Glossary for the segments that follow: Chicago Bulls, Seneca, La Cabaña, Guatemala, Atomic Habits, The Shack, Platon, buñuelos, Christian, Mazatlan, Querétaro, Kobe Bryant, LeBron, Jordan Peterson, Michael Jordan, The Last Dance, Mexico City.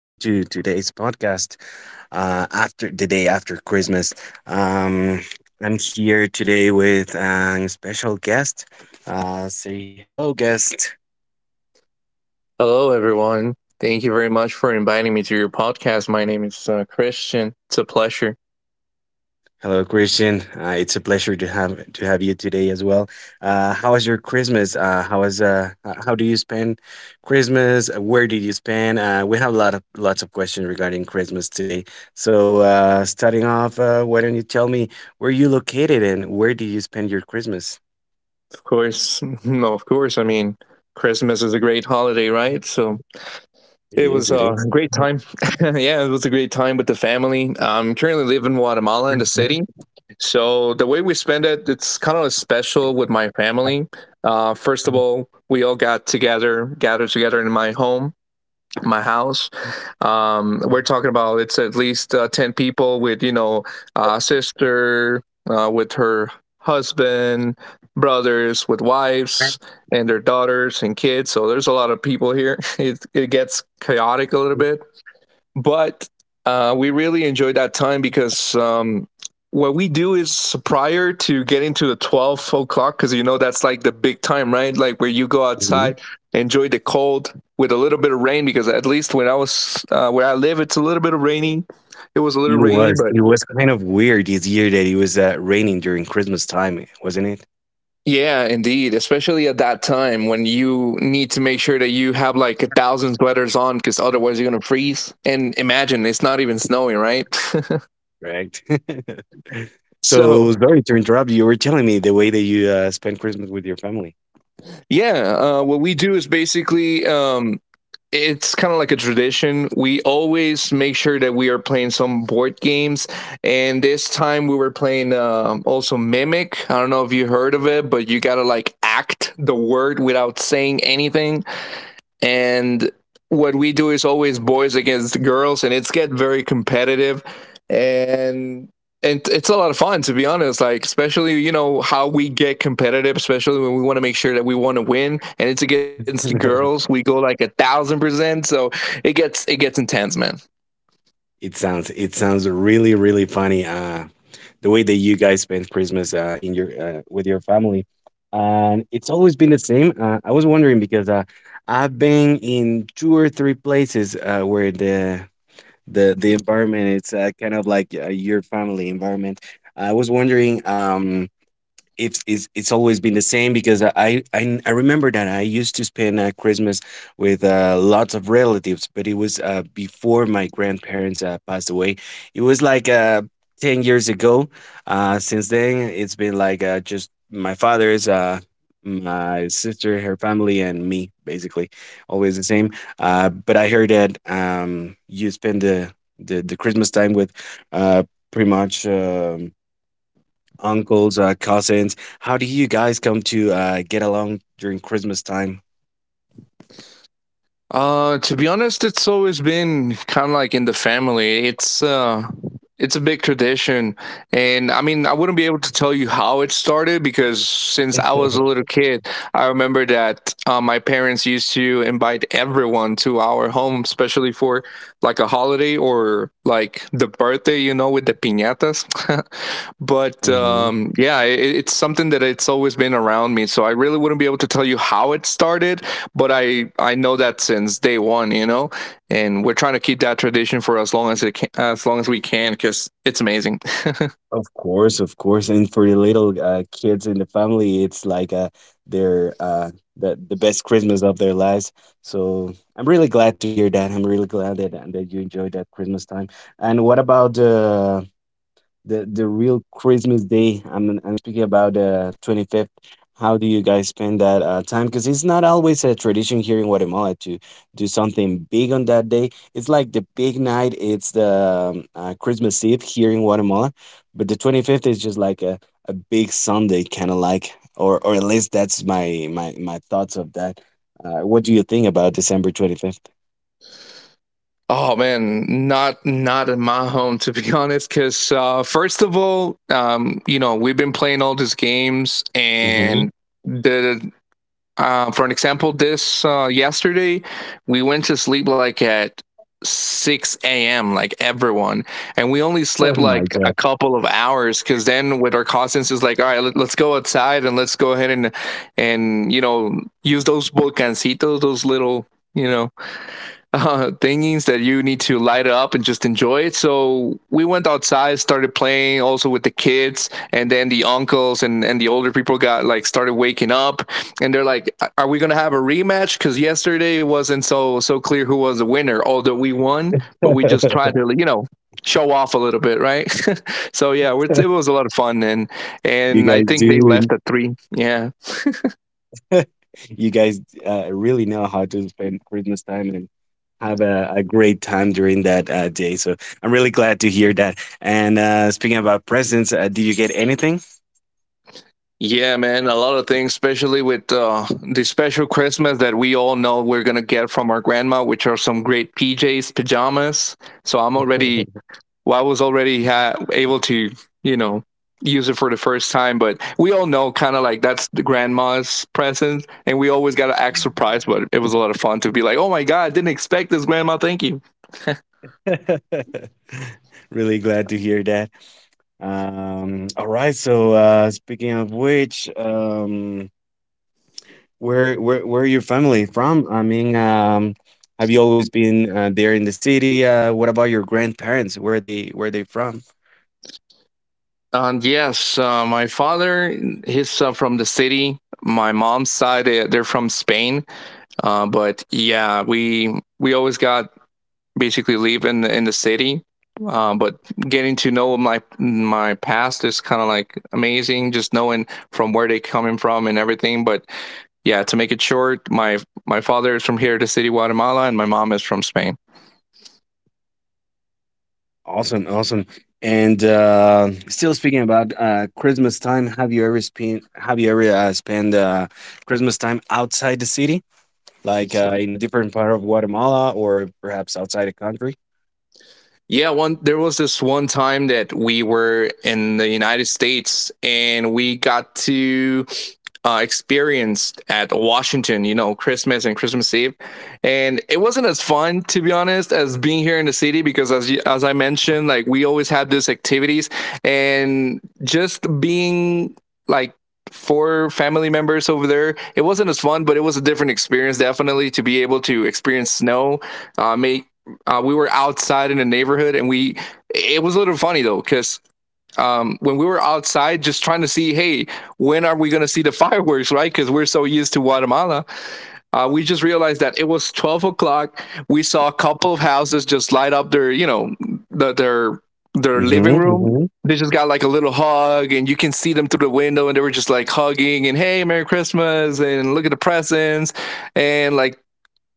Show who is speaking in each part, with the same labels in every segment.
Speaker 1: welcome to today's podcast. After the day after Christmas, um, I'm here today with a special guest. Say hello, guest.
Speaker 2: Hello, everyone. Thank you very much for inviting me to your podcast. My name is Christian. It's a pleasure.
Speaker 1: Hello, Christian. It's a pleasure to have you today as well. How was your Christmas? How was how do you spend Christmas? Where did you spend? We have a lot of lots of questions regarding Christmas today. So, starting off, why don't you tell me where you located and where did you spend your Christmas?
Speaker 2: Of course, of course. I mean, Christmas is a great holiday, right? So
Speaker 1: It
Speaker 2: it was
Speaker 1: is. It
Speaker 2: a
Speaker 1: is.
Speaker 2: great time. Yeah, it was a great time with the family. I'm currently living in Guatemala, in the city. So the way we spend it, it's kind of special with my family. First of all, we all got together, gathered together in my house. We're talking about it's at least 10 people with, you know, sister, with her husband, brothers, with wives, and their daughters and kids. So there's a lot of people here. It gets chaotic a little bit, but we really enjoyed that time, because what we do is, prior to getting to the 12 o'clock, because you know that's like the big time, right? Like, where you go
Speaker 1: Mhm.
Speaker 2: outside, enjoy the cold with a little bit of rain, because at least when I was where I live, it's a little bit of rainy. It was a little
Speaker 1: It
Speaker 2: rainy,
Speaker 1: was.
Speaker 2: but
Speaker 1: It was kind of weird this year that it was raining during Christmas time, wasn't it?
Speaker 2: yeah, indeed, especially at that time, when you need to make sure that you have like a thousand sweaters on, because otherwise you're gonna freeze. And imagine it's not even snowing, right?
Speaker 1: Correct.
Speaker 2: So
Speaker 1: So sorry to interrupt you. You were telling me the way that you spend Christmas with your family.
Speaker 2: yeah, what we do is basically, it's kind of like a tradition. We always make sure that we are playing some board games, and this time we were playing also Mimic. I don't know if you heard of it, but you gotta like act the word without saying anything. And what we do is always boys against girls, and it's get very competitive, and and it's a lot of fun, to be honest. Like, especially, you know how we get competitive, especially when we want to make sure that we want to win, and it's against the girls, we go like 1,000%. So it gets intense, man.
Speaker 1: It sounds really funny. The way that you guys spend Christmas in your with your family, and it's always been the same. I was wondering because I've been in two or three places where the the environment it's kind of like your family environment. I was wondering. It's it's always been the same because I remember that I used to spend Christmas with lots of relatives, but it was before my grandparents passed away. It was like 10 years ago. Since then, it's been like just my father's. My sister, her family, and me, basically, always the same. But I heard that you spend the Christmas time with uh, pretty much uncles, cousins. How do you guys come to get along during Christmas time?
Speaker 2: To be honest, it's always been kind of like in the family. It's a big tradition, and I mean, I wouldn't be able to tell you how it started, because since I was a little kid, I remember that my parents used to invite everyone to our home, especially for like a holiday or like the birthday, with the piñatas. But
Speaker 1: Hmm.
Speaker 2: yeah, it's something that it's always been around me, so I really wouldn't be able to tell you how it started. But I know that, since day one, and we're trying to keep that tradition for as long as it can, as long as we can, because it's amazing.
Speaker 1: Of course, of course. And for the little kids in the family, it's like their uh, the best Christmas of their lives. So I'm really glad to hear that. I'm really glad that you enjoyed that Christmas time. And what about the the real Christmas day? I'm speaking about the 25th. How do you guys spend that time? Because it's not always a tradition here in Guatemala to do something big on that day. It's like the big night. It's the Christmas Eve here in Guatemala, but the 25th is just like a big Sunday, kind of like, or at least that's my thoughts of that. What do you think about December 25th?
Speaker 2: Oh man, not in my home, to be honest, because first of all, we've been playing all these games. And the for an example, this yesterday we went to sleep like at 6 a.m. like everyone, and we only slept
Speaker 1: Oh
Speaker 2: like
Speaker 1: my
Speaker 2: a
Speaker 1: God.
Speaker 2: couple of hours, because then with our cousins it's like, all right, let's go outside, and let's go ahead and use those bolcancitos, those little you know thingings that you need to light it up and just enjoy it. So we went outside, started playing also with the kids, and then the uncles and the older people got, like, started waking up, and they're like, "Are we gonna have a rematch?" Because yesterday it wasn't so clear who was the winner, although we won. But we just tried to, show off a little bit, right? So yeah, it was a lot of fun, and
Speaker 1: You
Speaker 2: and I
Speaker 1: guys
Speaker 2: think they left
Speaker 1: do.
Speaker 2: at three. Yeah,
Speaker 1: You guys really know how to spend Christmas time and have a great time during that day. So I'm really glad to hear that. And speaking about presents, did you get anything?
Speaker 2: yeah, man, a lot of things, especially with the special Christmas that we all know we're gonna get from our grandma, which are some great PJs, pajamas. So I'm already, well, I was already able to, you know, use it for the first time. But we all know, kind of like, that's the grandma's present, and we always gotta act surprised. But it was a lot of fun to be like, oh my god, didn't expect this, grandma. Thank you.
Speaker 1: Really glad to hear that. All right. So speaking of which, um, where are your family from? I mean, have you always been there in the city? What about your grandparents? Where they from?
Speaker 2: And yes, my father, he's from the city. My mom's side, they're from Spain. But yeah, we always got basically live in the city. But getting to know my past is kind of like amazing, just knowing from where they coming from and everything. But yeah, to make it short, my father is from here, the city Guatemala, and my mom is from Spain.
Speaker 1: Awesome, awesome. And still speaking about Christmas time, have you ever spent Christmas time outside the city, like in a different part of Guatemala or perhaps outside the country?
Speaker 2: Yeah, one there was this one time that we were in the United States, and we got to experience at Washington, you know, Christmas and Christmas Eve, and it wasn't as fun, to be honest, as being here in the city, because as I mentioned, like, we always had these activities, and just being like four family members over there. It wasn't as fun, but it was a different experience, definitely, to be able to experience snow. Make We were outside in a neighborhood, and we it was a little funny though, because when we were outside just trying to see, hey, when are we going to see the fireworks, right? Because we're so used to Guatemala. We just realized that it was 12 o'clock. We saw a couple of houses just light up their, you know, the, their living room.
Speaker 1: Mm-hmm,
Speaker 2: They just got, like, a little hug, and you can see them through the window, and they were just, like, hugging and hey, Merry Christmas, and look at the presents, and like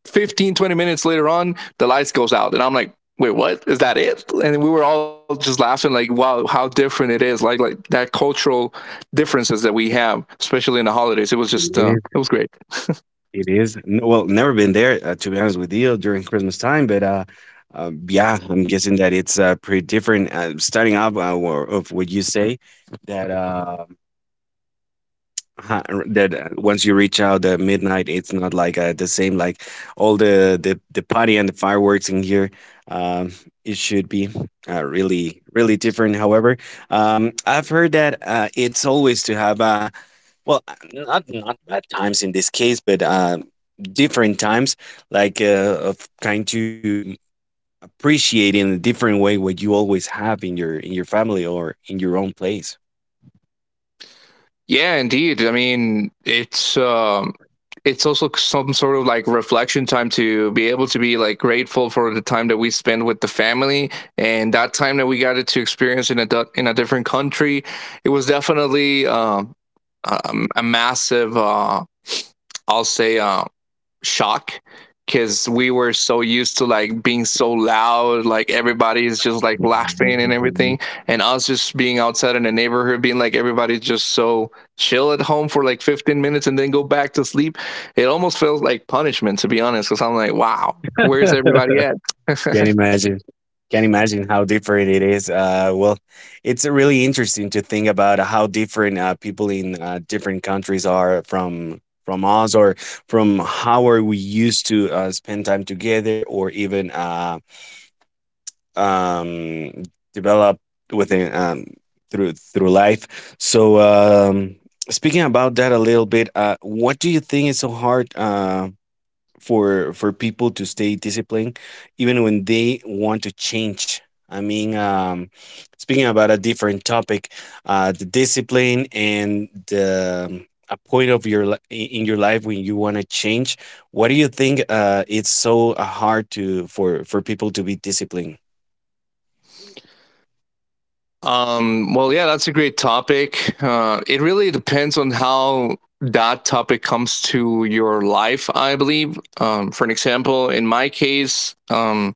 Speaker 2: fifteen 20 minutes later on, the lights goes out. And I'm like, wait, what? Is that it? And we were all just laughing, like, wow, how different it is. Like that cultural differences that we have, especially in the holidays. It was just, uh,
Speaker 1: mm-hmm.
Speaker 2: it was great.
Speaker 1: It is. N Well, never been there, to be honest with you, during Christmas time, but, yeah, I'm guessing that it's, pretty different, starting off, wha of what you say that, ha r that, once you reach out at midnight, it's not like, the same, like, all the the party and the fireworks in here, um, it should be, really, really different, however, I've heard that, it's always to have a well, not not bad times in this case, but different times, like of kind to appreciate in a different way what you always have in your family or in your own place.
Speaker 2: Yeah, indeed. I mean, it's also some sort of, like, reflection time, to be able to be, like, grateful for the time that we spend with the family, and that time that we got to experience in a different country. It was definitely, a, a massive, I'll say, shock, because we were so used to, like, being so loud, like, everybody's just like laughing and everything,
Speaker 1: Mhm.
Speaker 2: and us just being outside in the neighborhood, being like, everybody's just so chill at home for like 15 minutes and then go back to sleep. It almost feels like punishment, to be honest, because I'm like, wow, where's everybody at?
Speaker 1: Can't imagine. Can't imagine how different it is. Well, it's really interesting to think about how different people in different countries are from us, or from how are we used to spend time together, or even. Um develop within through life. So speaking about that a little bit, what do you think is so hard for people to stay disciplined even when they want to change? I mean, speaking about a different topic, the discipline and the a point of your in your life when you want to change, what do you think it's so hard to for people to be disciplined?
Speaker 2: Well, yeah, that's a great topic. It really depends on how that topic comes to your life, I believe. For an example, in my case,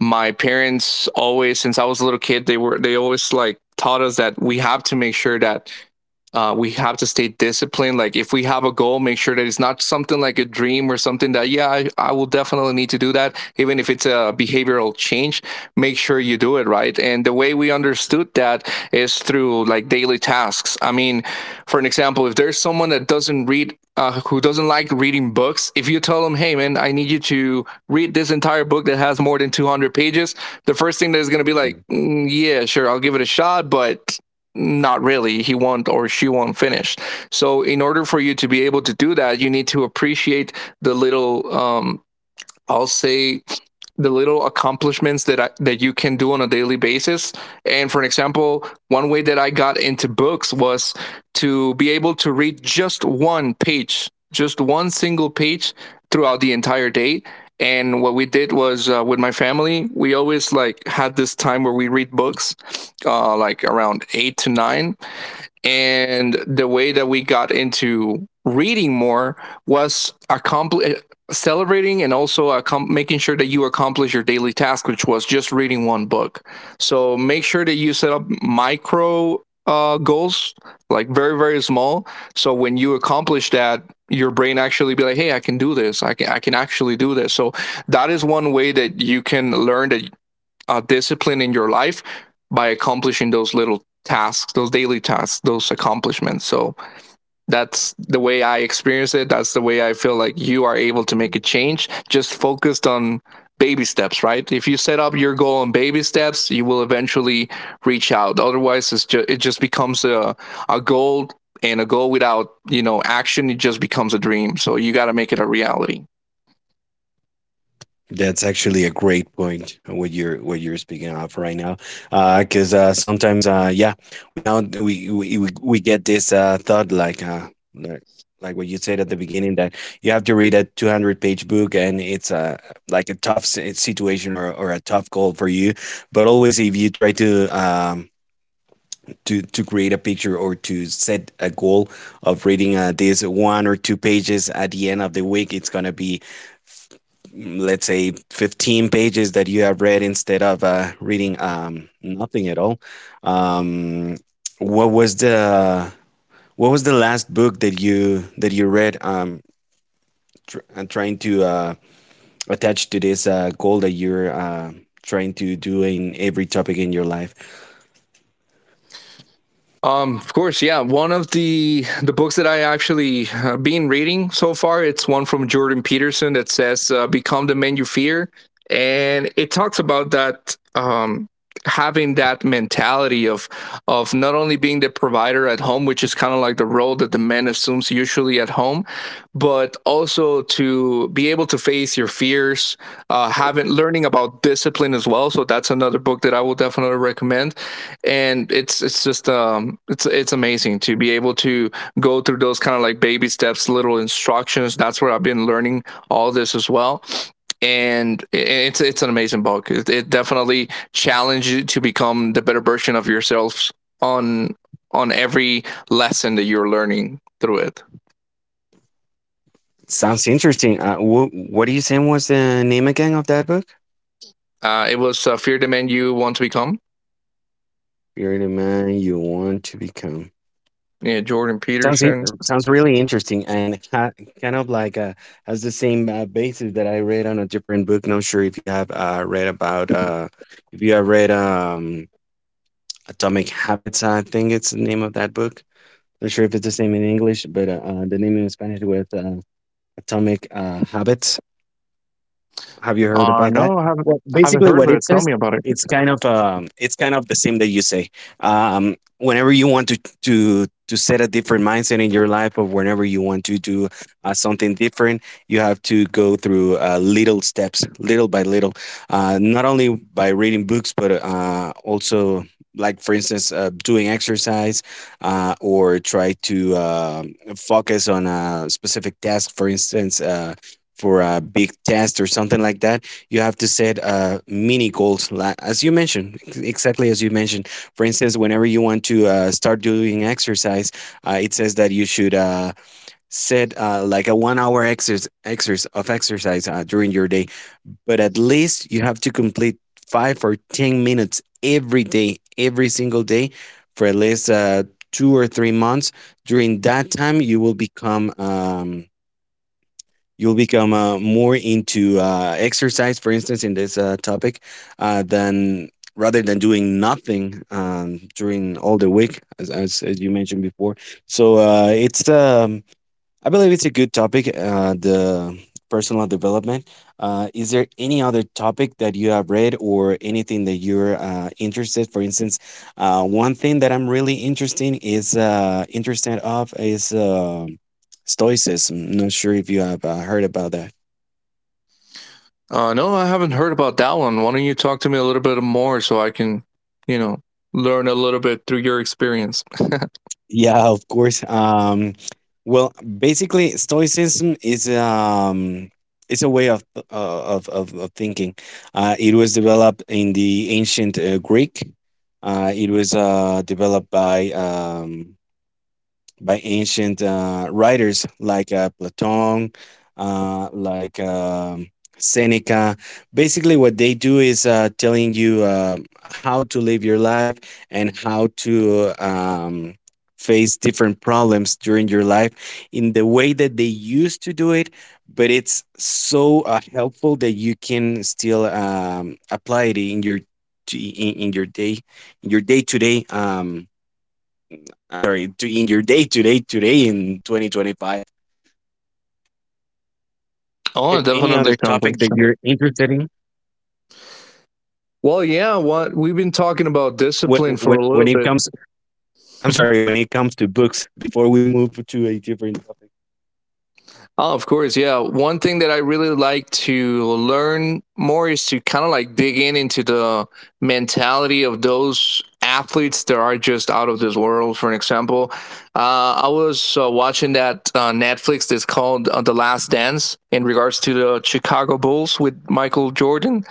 Speaker 2: my parents always, since I was a little kid, they always, like, taught us that we have to make sure that we have to stay disciplined. Like, if we have a goal, make sure that it's not something like a dream or something that, yeah, I will definitely need to do that. Even if it's a behavioral change, make sure you do it right. And the way we understood that is through, like, daily tasks. I mean, for an example, if there's someone that doesn't read. Who doesn't like reading books? If you tell them, "Hey, man, I need you to read this entire book that has more than 200 pages," the first thing that is going to be
Speaker 1: Uh huh.
Speaker 2: like, "Mm, yeah, sure, I'll give it a shot," but not really, he won't or she won't finish. So in order for you to be able to do that, you need to appreciate the little, I'll say, the little accomplishments that you can do on a daily basis. And for an example, one way that I got into books was to be able to read just one page, just one single page throughout the entire day. And what we did was, with my family, we always, like, had this time where we read books, like around 8 to 9. And the way that we got into reading more was celebrating, and also making sure that you accomplish your daily task, which was just reading one book. So make sure that you set up micro goals, like, very, very small, so when you accomplish that, your brain actually be like, hey, I can do this, I can actually do this. So that is one way that you can learn that a discipline in your life, by accomplishing those little tasks, those daily tasks, those accomplishments. So that's the way I experience it. That's the way I feel like you are able to make a change, just focused on baby steps, right? If you set up your goal on baby steps, you will eventually reach out. Otherwise, it just becomes a goal, and a goal without, action, it just becomes a dream. So you got to make it a reality.
Speaker 1: That's actually a great point what you're speaking of right now, because sometimes yeah, we now we get this thought like like what you said at the beginning that you have to read a 200-page book and it's like a tough situation or a tough goal for you, but always if you try to to create a picture or to set a goal of reading these one or two pages at the end of the week, it's gonna be let's say 15 pages that you have read instead of reading nothing at all. um, what was the what was the last book that you read trying to attach to this goal that you're trying to do in every topic in your life?
Speaker 2: Of course, yeah. One of the books that I actually been reading so far, it's one from Jordan Peterson that says "Become the Man You Fear," and it talks about that having that mentality of not only being the provider at home, which is kind of like the role that the man assumes usually at home, but also to be able to face your fears, having learning about discipline as well. So that's another book that I will definitely recommend, and it's just it's amazing to be able to go through those kind of like baby steps, little instructions. That's where I've been learning all this as well. And it's an amazing book. It definitely challenges you to become the better version of yourselves on every lesson that you're learning through it.
Speaker 1: Sounds interesting. What are you saying was the name again of that book?
Speaker 2: It was fear the man you want to become,
Speaker 1: You're the man you want to become.
Speaker 2: yeah, Jordan
Speaker 1: Sounds
Speaker 2: Peterson.
Speaker 1: sounds really interesting and kind of like has the same basis that I read on a different book. Not sure if you have read about if you have read Atomic Habits. I think it's the name of that book. Not sure if it's the same in English, but the name in Spanish was Atomic Habits. Have you heard about that?
Speaker 2: No, I haven't
Speaker 1: Well, basically,
Speaker 2: heard of
Speaker 1: what
Speaker 2: it.
Speaker 1: it
Speaker 2: Tell
Speaker 1: says,
Speaker 2: me about it.
Speaker 1: it's kind of the same that you say. Whenever you want to to set a different mindset in your life, or whenever you want to do something different, you have to go through little steps, little by little. Not only by reading books, but also like for instance, doing exercise, or try to focus on a specific task. For instance. For a big test or something like that, you have to set mini goals, as you mentioned, exactly as you mentioned. For instance, whenever you want to start doing exercise, it says that you should set like a 1 hour exercise, exercise of exercise during your day, but at least you have to complete five or 10 minutes every day, every single day for at least 2 or 3 months. During that time, you will become. You'll become more into exercise, for instance, in this topic, than rather than doing nothing during all the week, as you mentioned before. So it's I believe it's a good topic, the personal development. Is there any other topic that you have read or anything that you're interested? For instance, one thing that I'm really interested is interested of is stoicism. Not sure if you have heard about that.
Speaker 2: No, I haven't heard about that one. Why don't you talk to me a little bit more so I can, you know, learn a little bit through your experience?
Speaker 1: Yeah, of course. Well, basically, Stoicism is it's a way of of thinking. It was developed in the ancient Greek. It was developed by ancient writers like Platon, like Seneca. Basically, what they do is telling you how to live your life and how to face different problems during your life in the way that they used to do it. But it's so helpful that you can still apply it in your in, in your day to day. I'm sorry, to in your today in 2025, is there
Speaker 2: Oh, it
Speaker 1: any other
Speaker 2: definitely. Sounds
Speaker 1: topic that
Speaker 2: interesting.
Speaker 1: you're interested in
Speaker 2: Well, yeah, what we've been talking about
Speaker 1: when
Speaker 2: discipline
Speaker 1: when
Speaker 2: for a
Speaker 1: when
Speaker 2: little
Speaker 1: it
Speaker 2: bit.
Speaker 1: comes, I'm sorry, when it comes to books, before we move to a different topic?
Speaker 2: Oh, of course, yeah. One thing that I really like to learn more is to kind of like dig in into the mentality of those athletes that are just out of this world. For an example, I was watching that Netflix that's called The Last Dance in regards to the Chicago Bulls with Michael Jordan,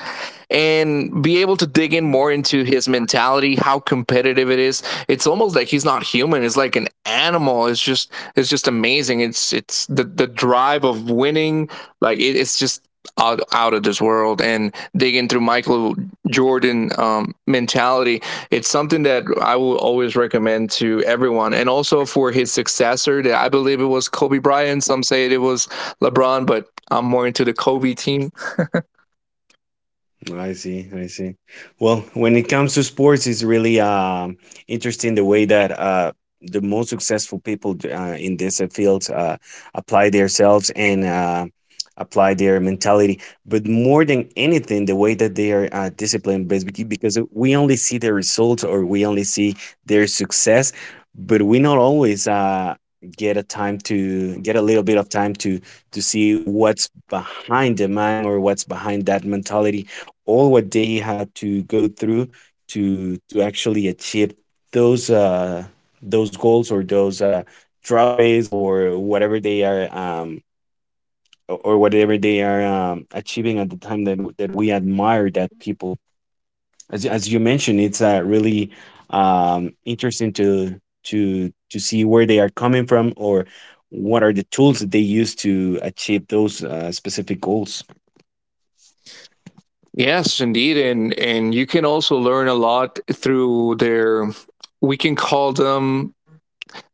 Speaker 2: and be able to dig in
Speaker 1: Mhm.
Speaker 2: more into his mentality, how competitive it is. It's almost like he's not human. It's like an animal. It's just amazing. It's the drive of winning. Like it's just out of this world. And digging through Michael Jordan mentality, it's something that I will always recommend to everyone, and also for his successor. That I believe it was Kobe Bryant. Some say it was LeBron, but I'm more into the Kobe team.
Speaker 1: I see, I see. Well, when it comes to sports, it's really interesting the way that the most successful people in these fields apply themselves and apply their mentality. But more than anything, the way that they are disciplined, because we only see their results, or we only see their success, but we not always get a time to get a little bit of time to see what's behind the man, or what's behind that mentality, all what they had to go through to actually achieve those uh those goals, or those trophies, or whatever they are or whatever they are achieving at the time that that we admire that people. As you mentioned, it's really interesting to see where they are coming from, or what are the tools that they use to achieve those specific goals.
Speaker 2: Yes, indeed, and you can also learn a lot through their. We can call them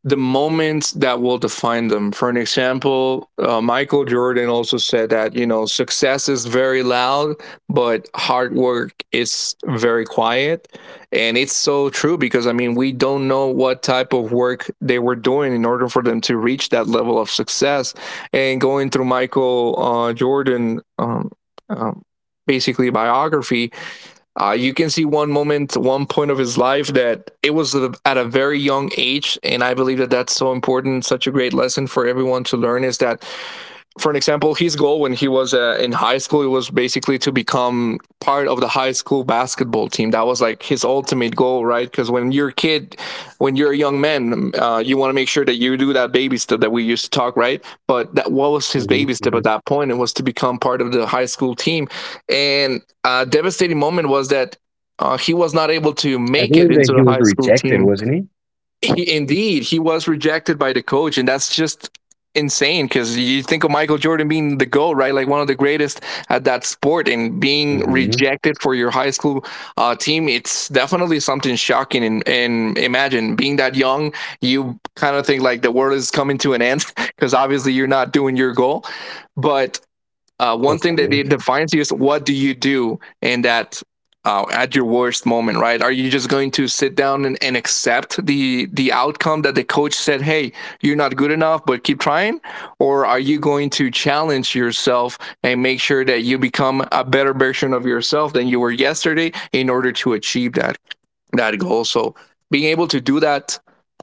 Speaker 2: the moments that will define them. For an example, Michael Jordan also said that, you know, success is very loud, but hard work is very quiet. And it's so true, because, I mean, we don't know what type of work they were doing in order for them to reach that level of success. And going through Michael Jordan, um, basically biography, you can see one moment, one point of his life that it was at a very young age. And I believe that that's so important, such a great lesson for everyone to learn, is that for an example, his goal when he was in high school, it was basically to become part of the high school basketball team. That was like his ultimate goal, right? Because when you're a kid, when you're a young man, you want to make sure that you do that baby step that we used to talk, right? But that what was his baby step at
Speaker 1: hmm
Speaker 2: that point? It was to become part of the high school team. And a devastating moment was that he was not able to
Speaker 1: I
Speaker 2: make it
Speaker 1: believe
Speaker 2: into
Speaker 1: that he
Speaker 2: the
Speaker 1: was
Speaker 2: high school
Speaker 1: rejected,
Speaker 2: team.
Speaker 1: wasn't he?
Speaker 2: He, indeed, he was rejected by the coach. And that's just insane, because you think of Michael Jordan being the GOAT, right? Like one of the greatest at that sport, and being
Speaker 1: hmm
Speaker 2: rejected for your high school team. It's definitely something shocking. And imagine being that young, you kind of think like the world is coming to an end because obviously you're not doing your goal. But one
Speaker 1: Of
Speaker 2: thing that it
Speaker 1: course.
Speaker 2: defines you is what do you do in that at your worst moment, right? Are you just going to sit down and accept the outcome that the coach said, "Hey, you're not good enough, but keep trying," or are you going to challenge yourself and make sure that you become a better version of yourself than you were yesterday in order to achieve that goal? So being able to do that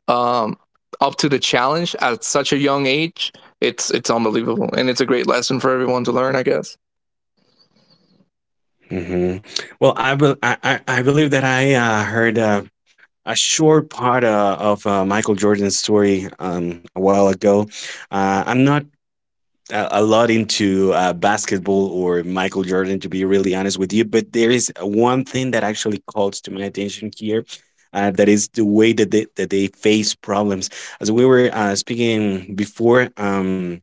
Speaker 2: um, up to the challenge at such a young age, it's unbelievable, and it's a great lesson for everyone to learn, I guess.
Speaker 1: Mhm. Well, I believe that I, heard, a short part, Michael Jordan's story, a while ago. I'm not a lot into, basketball or Michael Jordan, to be really honest with you, but there is one thing that actually calls to my attention here, that is the way that they face problems. As we were, speaking before,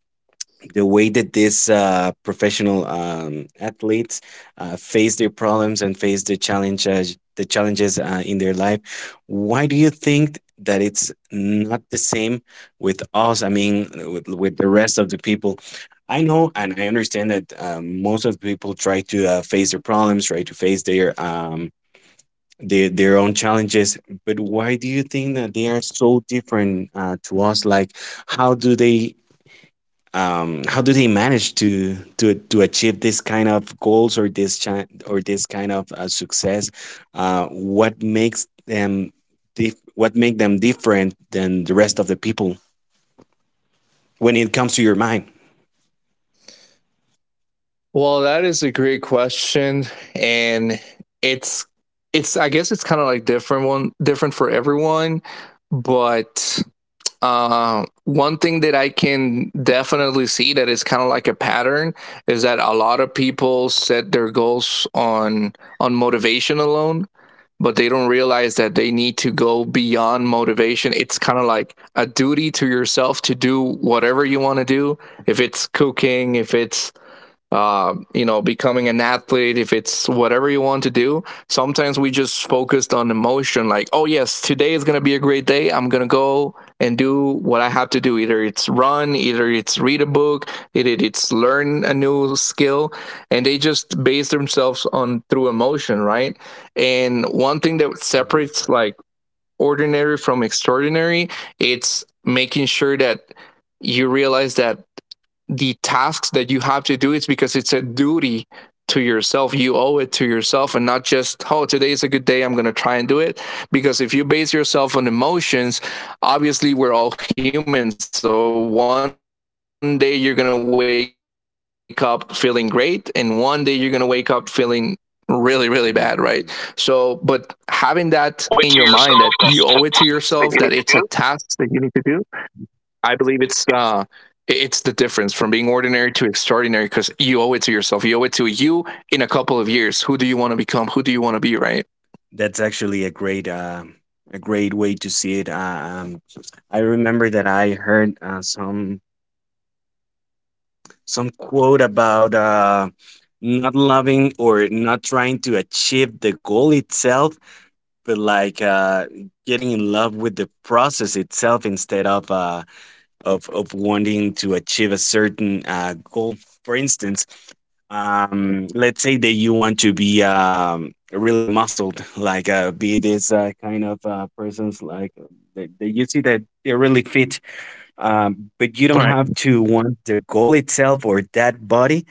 Speaker 1: the way that these professional athletes face their problems and face the challenges in their life. Why do you think that it's not the same with us? I mean, with the rest of the people. I know, and I understand that most of the people try to face their problems, try to face their their own challenges. But why do you think that they are so different to us, like how do they manage to achieve this kind of goals, or this kind of success? Uh, what makes them what make them different than the rest of the people when it comes to your mind?
Speaker 2: Well, that is a great question, and it's it's I guess it's kind of like different for everyone. But one thing that I can definitely see that is kind of like a pattern is that a lot of people set their goals on motivation alone, but they don't realize that they need to go beyond motivation. It's kind of like a duty to yourself to do whatever you want to do. If it's cooking, if it's you know, becoming an athlete, if it's whatever you want to do, sometimes we just focused on emotion, like, oh, yes, today is going to be a great day. I'm going to go and do what I have to do. Either it's run, either it's read a book, either it's learn a new skill. And they just base themselves on through emotion, right? And one thing that separates
Speaker 1: Mhm.
Speaker 2: like ordinary from extraordinary, it's making sure that you realize that the tasks that you have to do, it's because it's a duty to yourself. You owe it to yourself, and not just, oh, today is a good day, I'm going to try and do it. Because if you base yourself on emotions, obviously we're all human, so one day you're going to wake up feeling great, and one day you're going to wake up feeling really really bad, right? So but having that in your mind that you owe it to yourself, that it's a
Speaker 1: Point to
Speaker 2: task that
Speaker 1: yourself.
Speaker 2: you need
Speaker 1: That's
Speaker 2: to
Speaker 1: the
Speaker 2: do,
Speaker 1: task that you need to
Speaker 2: I
Speaker 1: do.
Speaker 2: believe it's the difference from being ordinary to extraordinary, because you owe it to yourself. You owe it to you in a couple of years. Who do you want to become? Who do you want to be? Right.
Speaker 1: That's actually a great way to see it. Um, I remember that I heard some quote about not loving or not trying to achieve the goal itself, but like getting in love with the process itself, instead of wanting to achieve a certain goal. For instance, let's say that you want to be really muscled, like be this kind of persons, like that you see that they're really fit, but you don't
Speaker 2: Right.
Speaker 1: have to want the goal itself or that body.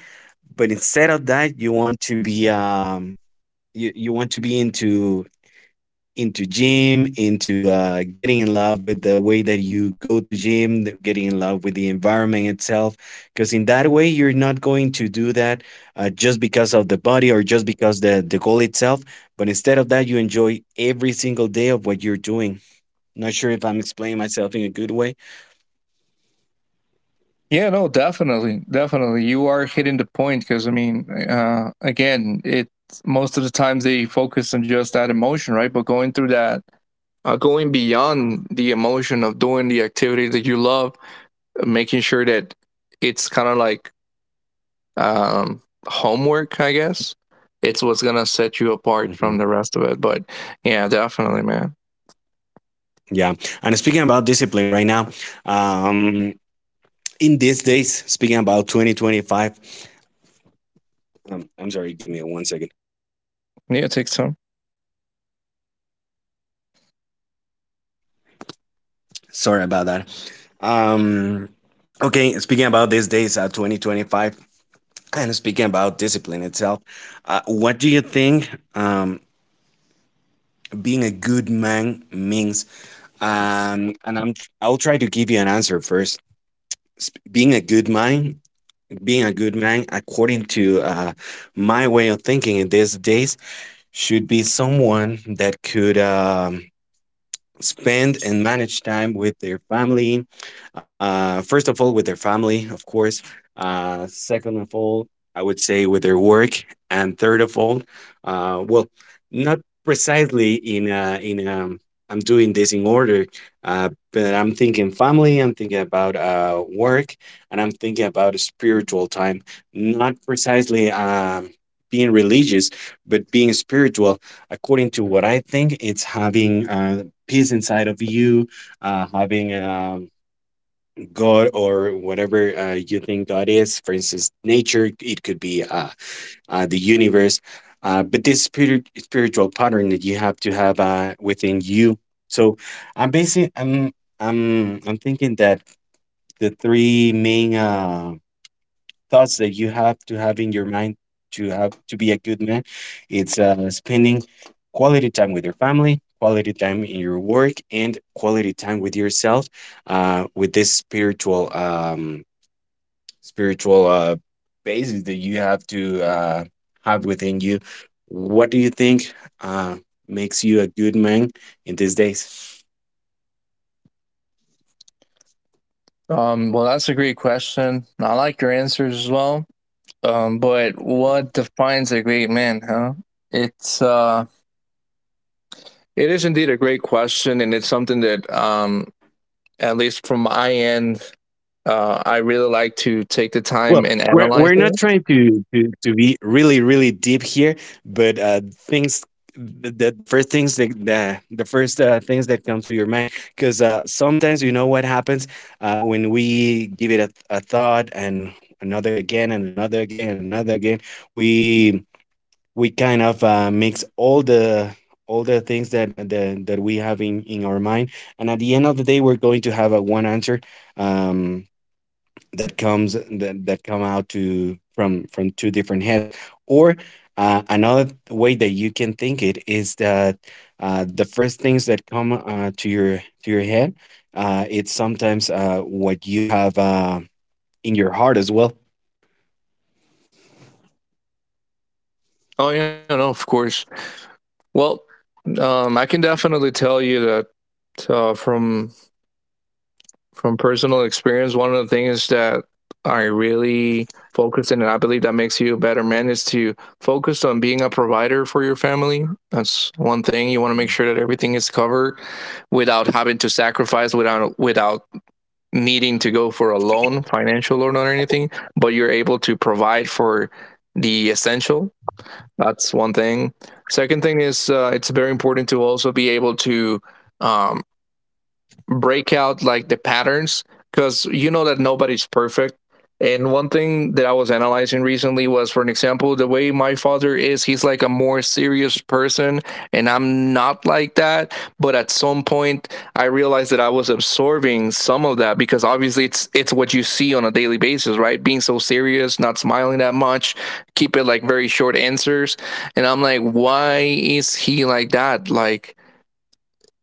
Speaker 1: But instead of that, you want to be you, you want to be into gym, into getting in love with the way that you go to gym, getting in love with the environment itself. Because in that way, you're not going to do that just because of the body, or just because the goal itself. But instead of that, you enjoy every single day of what you're doing. Not sure if I'm explaining myself in a good way.
Speaker 2: Yeah. No. Definitely. Definitely. You are hitting the point, because I mean, again, it most of the times they focus on just that emotion, right? But going through that, going beyond the emotion of doing the activity that you love, making sure that it's kind of like um, homework, I guess. It's what's gonna set you apart from the rest of it. But yeah, definitely, man.
Speaker 1: Yeah. And speaking about discipline right now, um, in these days, speaking about 2025, I'm sorry, give me one second.
Speaker 2: Yeah, take some.
Speaker 1: Sorry about that. Um, okay, speaking about these days, 2025, and speaking about discipline itself, what do you think being a good man means? And I'll try to give you an answer first. Being a good man, according to my way of thinking in these days, should be someone that could spend and manage time with their family. First of all, with their family, of course. Second of all, I would say with their work, and third of all, well, not precisely in a, in I'm doing this in order, but I'm thinking family. I'm thinking about work, and I'm thinking about spiritual time. Not precisely being religious, but being spiritual. According to what I think, it's having peace inside of you, having God, or whatever you think God is. For instance, nature. It could be the universe. But this spiritual pattern that you have to have within you. So I'm basing, I'm thinking that the three main thoughts that you have to have in your mind to have to be a good man. It's spending quality time with your family, quality time in your work, and quality time with yourself. With this spiritual basis that you have to have within you, what do you think uh, makes you a good man in these days?
Speaker 2: Well, that's a great question. I like your answers as well. But what defines a great man, huh? It's it is indeed a great question, and it's something that at least from my end, I really like to take the
Speaker 1: Well,
Speaker 2: time and
Speaker 1: we're
Speaker 2: analyze
Speaker 1: we're not
Speaker 2: it.
Speaker 1: trying to be really, really deep here, but things the first things that the first things that comes to your mind, because sometimes you know what happens when we give it a thought, and another again, and another again, and another again, we we kind of mix all the things that the, that that we have in our mind, and at the end of the day we're going to have a one answer um, that come out to from two different heads. Or another way that you can think it is that the first things that come to your head, it's sometimes what you have in your heart as well.
Speaker 2: Oh yeah, no, of course. Well, I can definitely tell you that from personal experience, one of the things that I really focus in, and I believe that makes you a better man, is to focus on being a provider for your family. That's one thing. You want to make sure that everything is covered without having to sacrifice, without needing to go for a loan, financial loan or anything. But you're able to provide for the essential. That's one thing. Second thing is it's very important to also be able to um, break out like the patterns, because you know that nobody's perfect. And one thing that I was analyzing recently was, for an example, the way my father is, he's like a more serious person, and I'm not like that. But at some point, I realized that I was absorbing some of that, because obviously it's what you see on a daily basis, right? Being so serious, not smiling that much, keep it like very short answers, and I'm like, why is he like that? Like,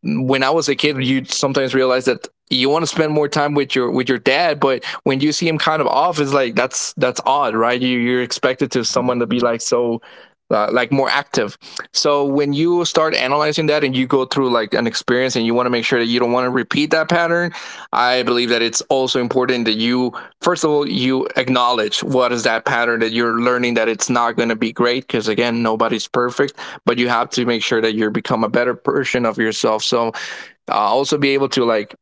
Speaker 2: when I was a kid, you sometimes realize that you want to spend more time with your dad, but when you see him kind of off, it's like that's odd, right? You're expected to someone to
Speaker 1: Mhm,
Speaker 2: be
Speaker 1: mhm.
Speaker 2: like so. Like more active. So when you start analyzing that and you go through like an experience and you want to make sure that you don't want to repeat that pattern, I believe that it's also important that you, first of all, you acknowledge what is that pattern that you're learning, that it's not going to be great, because again, nobody's perfect, but you have to make sure that you become a better version of yourself. So also be able to like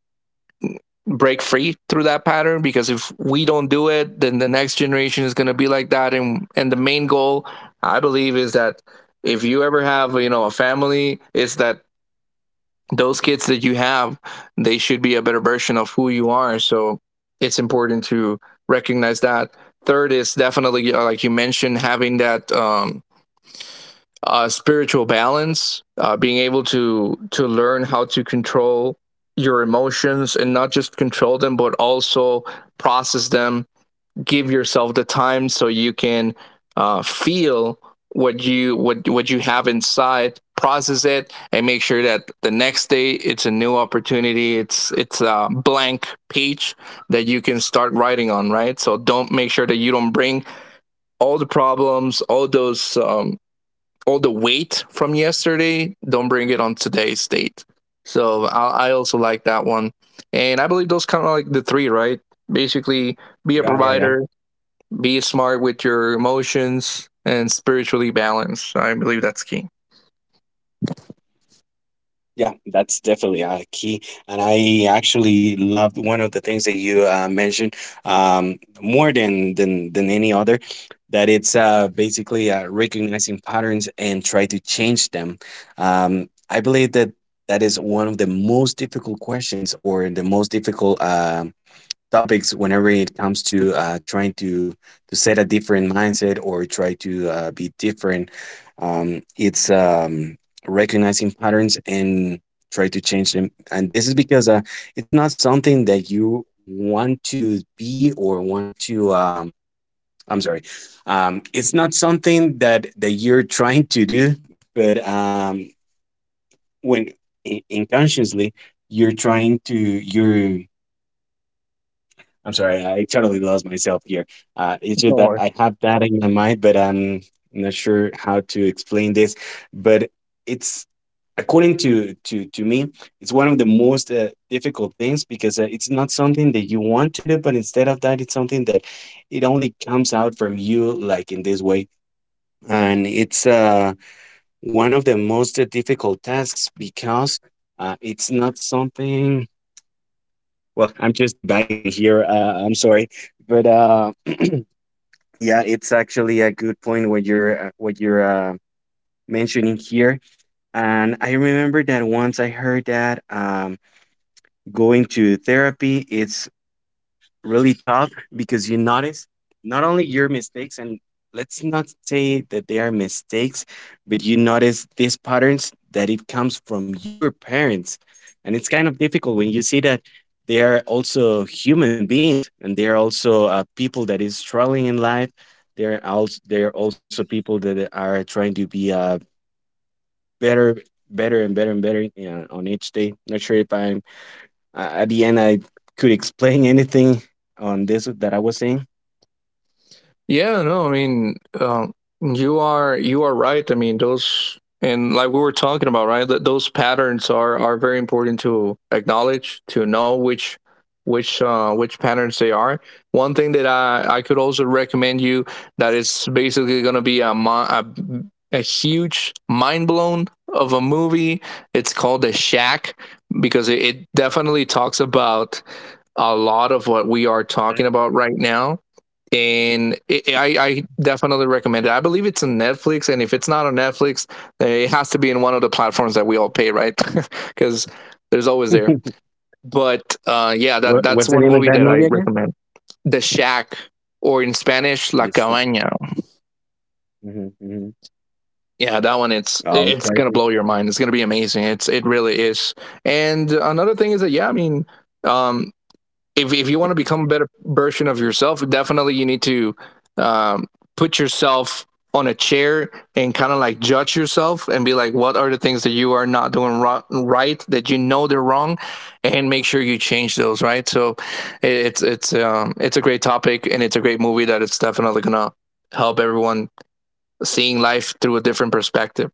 Speaker 2: break free through that pattern, because if we don't do it, then the next generation is going to be like that. And the main goal, I believe, is that if you ever have, you know, a family, is that those kids that you have, they should be a better version of who you are. So it's important to recognize that. Third is definitely like you mentioned, having that spiritual balance, being able to learn how to control your emotions, and not just control them, but also process them. Give yourself the time so you can feel what you what you have inside, process it, and make sure that the next day it's a new opportunity. It's a blank page that you can start writing on. Right, so don't make sure that you don't bring all the problems, all those all the weight from yesterday, don't bring it on today's date. So I also like that one. And I believe those kind of like the three, right? Basically, be a
Speaker 1: Yeah, yeah.
Speaker 2: provider, be smart with your emotions, and spiritually balanced. I believe that's key.
Speaker 1: Yeah, that's definitely a key. And I actually loved one of the things that you mentioned, more than any other, that it's basically recognizing patterns and try to change them. I believe that that is one of the most difficult questions, or the most difficult topics, whenever it comes to trying to set a different mindset, or try to be different. It's recognizing patterns and try to change them, and this is because it's not something that you want to be, or want to I'm sorry, it's not something that you're trying to do. But when unconsciously you're trying to you're, I'm sorry, I totally lost myself here. It's just that I have that in my mind, but I'm not sure how to explain this. But it's, according to me, it's one of the most difficult things, because it's not something that you want to do, but instead of that, it's something that it only comes out from you, like in this way. And it's one of the most difficult tasks, because it's not something. Well, I'm just debugging here. I'm sorry, but, yeah, it's actually a good point what you're mentioning here. And I remember that once I heard that going to therapy, it's really tough, because you notice not only your mistakes, and let's not say that they are mistakes, but you notice these patterns that it comes from your parents, and it's kind of difficult when you see that they are also human beings, and they are also people that is struggling in life. They're also people that are trying to be better, better and better and better, on each day. Not sure if I'm at the end I could explain anything on this that I was saying.
Speaker 2: Yeah, no, I mean, you are right. I mean, those, and like we were talking about, right? That those patterns are very important to acknowledge, to know which which patterns they are. One thing that I could also recommend you, that is basically going to be a, a huge mind blown of a movie. It's called The Shack, because it definitely talks about a lot of what we are talking about right now, and I definitely recommend it. I believe it's on Netflix, and if it's not on Netflix, it has to be in one of the platforms that we all pay, right? Because there's always there. But yeah, that that's
Speaker 1: What's the
Speaker 2: one
Speaker 1: name
Speaker 2: movie
Speaker 1: of
Speaker 2: that
Speaker 1: that
Speaker 2: I
Speaker 1: movie again?
Speaker 2: recommend. The Shack, or in Spanish, La
Speaker 1: This.
Speaker 2: Cabaña.
Speaker 1: Mm-hmm, mm-hmm.
Speaker 2: Yeah, that one, it's gonna
Speaker 1: Okay.
Speaker 2: blow your mind. It's gonna be amazing. It really is. And another thing is that yeah, I mean, um, if you want to become a better version of yourself, definitely you need to um, put yourself on a chair and kind of like judge yourself and be like, what are the things that you are not doing right, that you know they're wrong, and make sure you change those. Right. So it's a great topic, and it's a great movie that it's definitely gonna help everyone seeing life through a different perspective.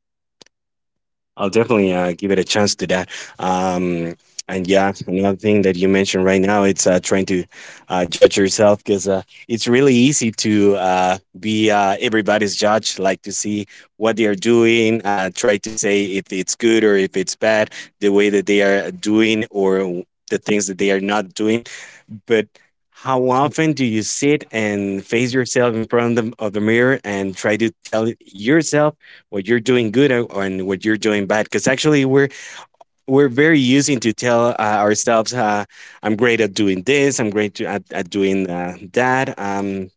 Speaker 1: I'll definitely give it a chance to that. Um, and yeah, another thing that you mentioned right now, it's trying to judge yourself, because it's really easy to be everybody's judge, like to see what they are doing, try to say if it's good or if it's bad, the way that they are doing, or the things that they are not doing. But how often do you sit and face yourself in front of the mirror, and try to tell yourself what you're doing good, and what you're doing bad? Because actually, we're very using to tell ourselves, I'm great at doing this, I'm great at doing that. um,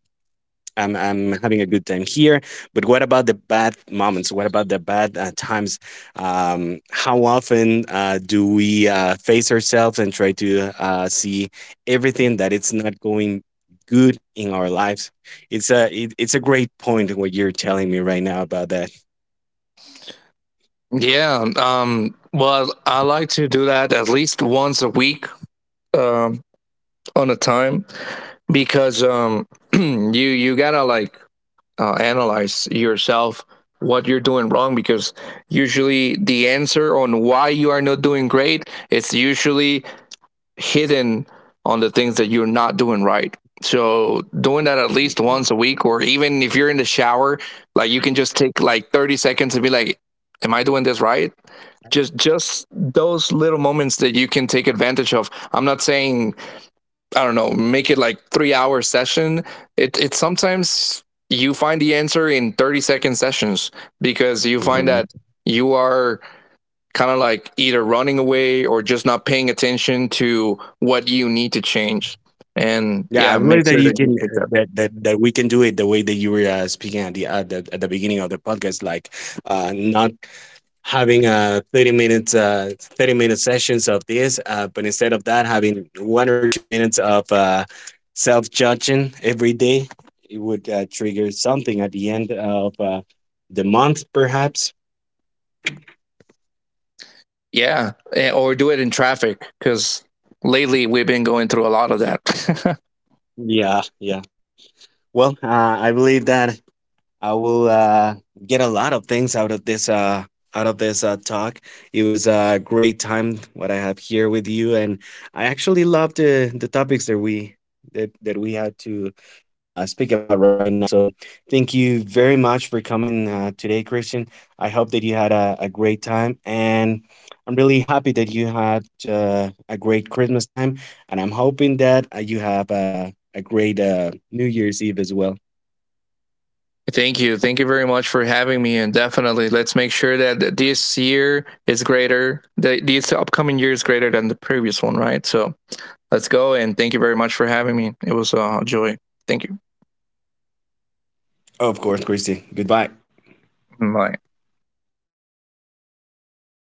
Speaker 1: I'm, I'm having a good time here. But what about the bad moments? What about the bad times? How often do we face ourselves and try to see everything that it's not going good in our lives? It's it's a great point what you're telling me right now about that.
Speaker 2: Yeah. Well, I like to do that at least once a week um, on a time, because you gotta like analyze yourself, what you're doing wrong, because usually the answer on why you are not doing great, it's usually hidden on the things that you're not doing right. So doing that at least
Speaker 1: Mhm,
Speaker 2: once a week, or even if you're in the shower, like you can just take like 30 seconds and be like, "Am I doing this right?" Just those little moments that you can take advantage of. I'm not saying, I don't know, make it like 3 hour session. It sometimes you find the answer in 30-second sessions, because you find
Speaker 1: mhm.
Speaker 2: that you are kind of like either running away or just not paying attention to what you need to change. And
Speaker 1: Yeah,
Speaker 2: yeah,
Speaker 1: I
Speaker 2: make
Speaker 1: believe that
Speaker 2: sure
Speaker 1: you
Speaker 2: that you
Speaker 1: can
Speaker 2: pick that.
Speaker 1: that, that that we can do it the way that you were speaking at the beginning of the podcast, like not having a 30 minutes 30-minute sessions of this, but instead of that, having 1 or 2 minutes of self judging every day. It would trigger something at the end of the month, perhaps.
Speaker 2: Yeah. Or do it in traffic, because lately we've been going through a lot of that.
Speaker 1: Yeah, yeah. Well, I believe that I will get a lot of things out of this, talk. It was a great time what I have here with you, and I actually love the topics that we had to speak about right now. So thank you very much for coming today, Christian. I hope that you had a great time, and I'm really happy that you had a great Christmas time, and I'm hoping that you have a great New Year's Eve as well.
Speaker 2: Thank you. Thank you very much for having me. And definitely, let's make sure that this year is greater, that this upcoming year is greater than the previous one, right? So let's go. And thank you very much for having me. It was a joy. Thank you.
Speaker 1: Of course, Christy. Goodbye.
Speaker 2: Bye.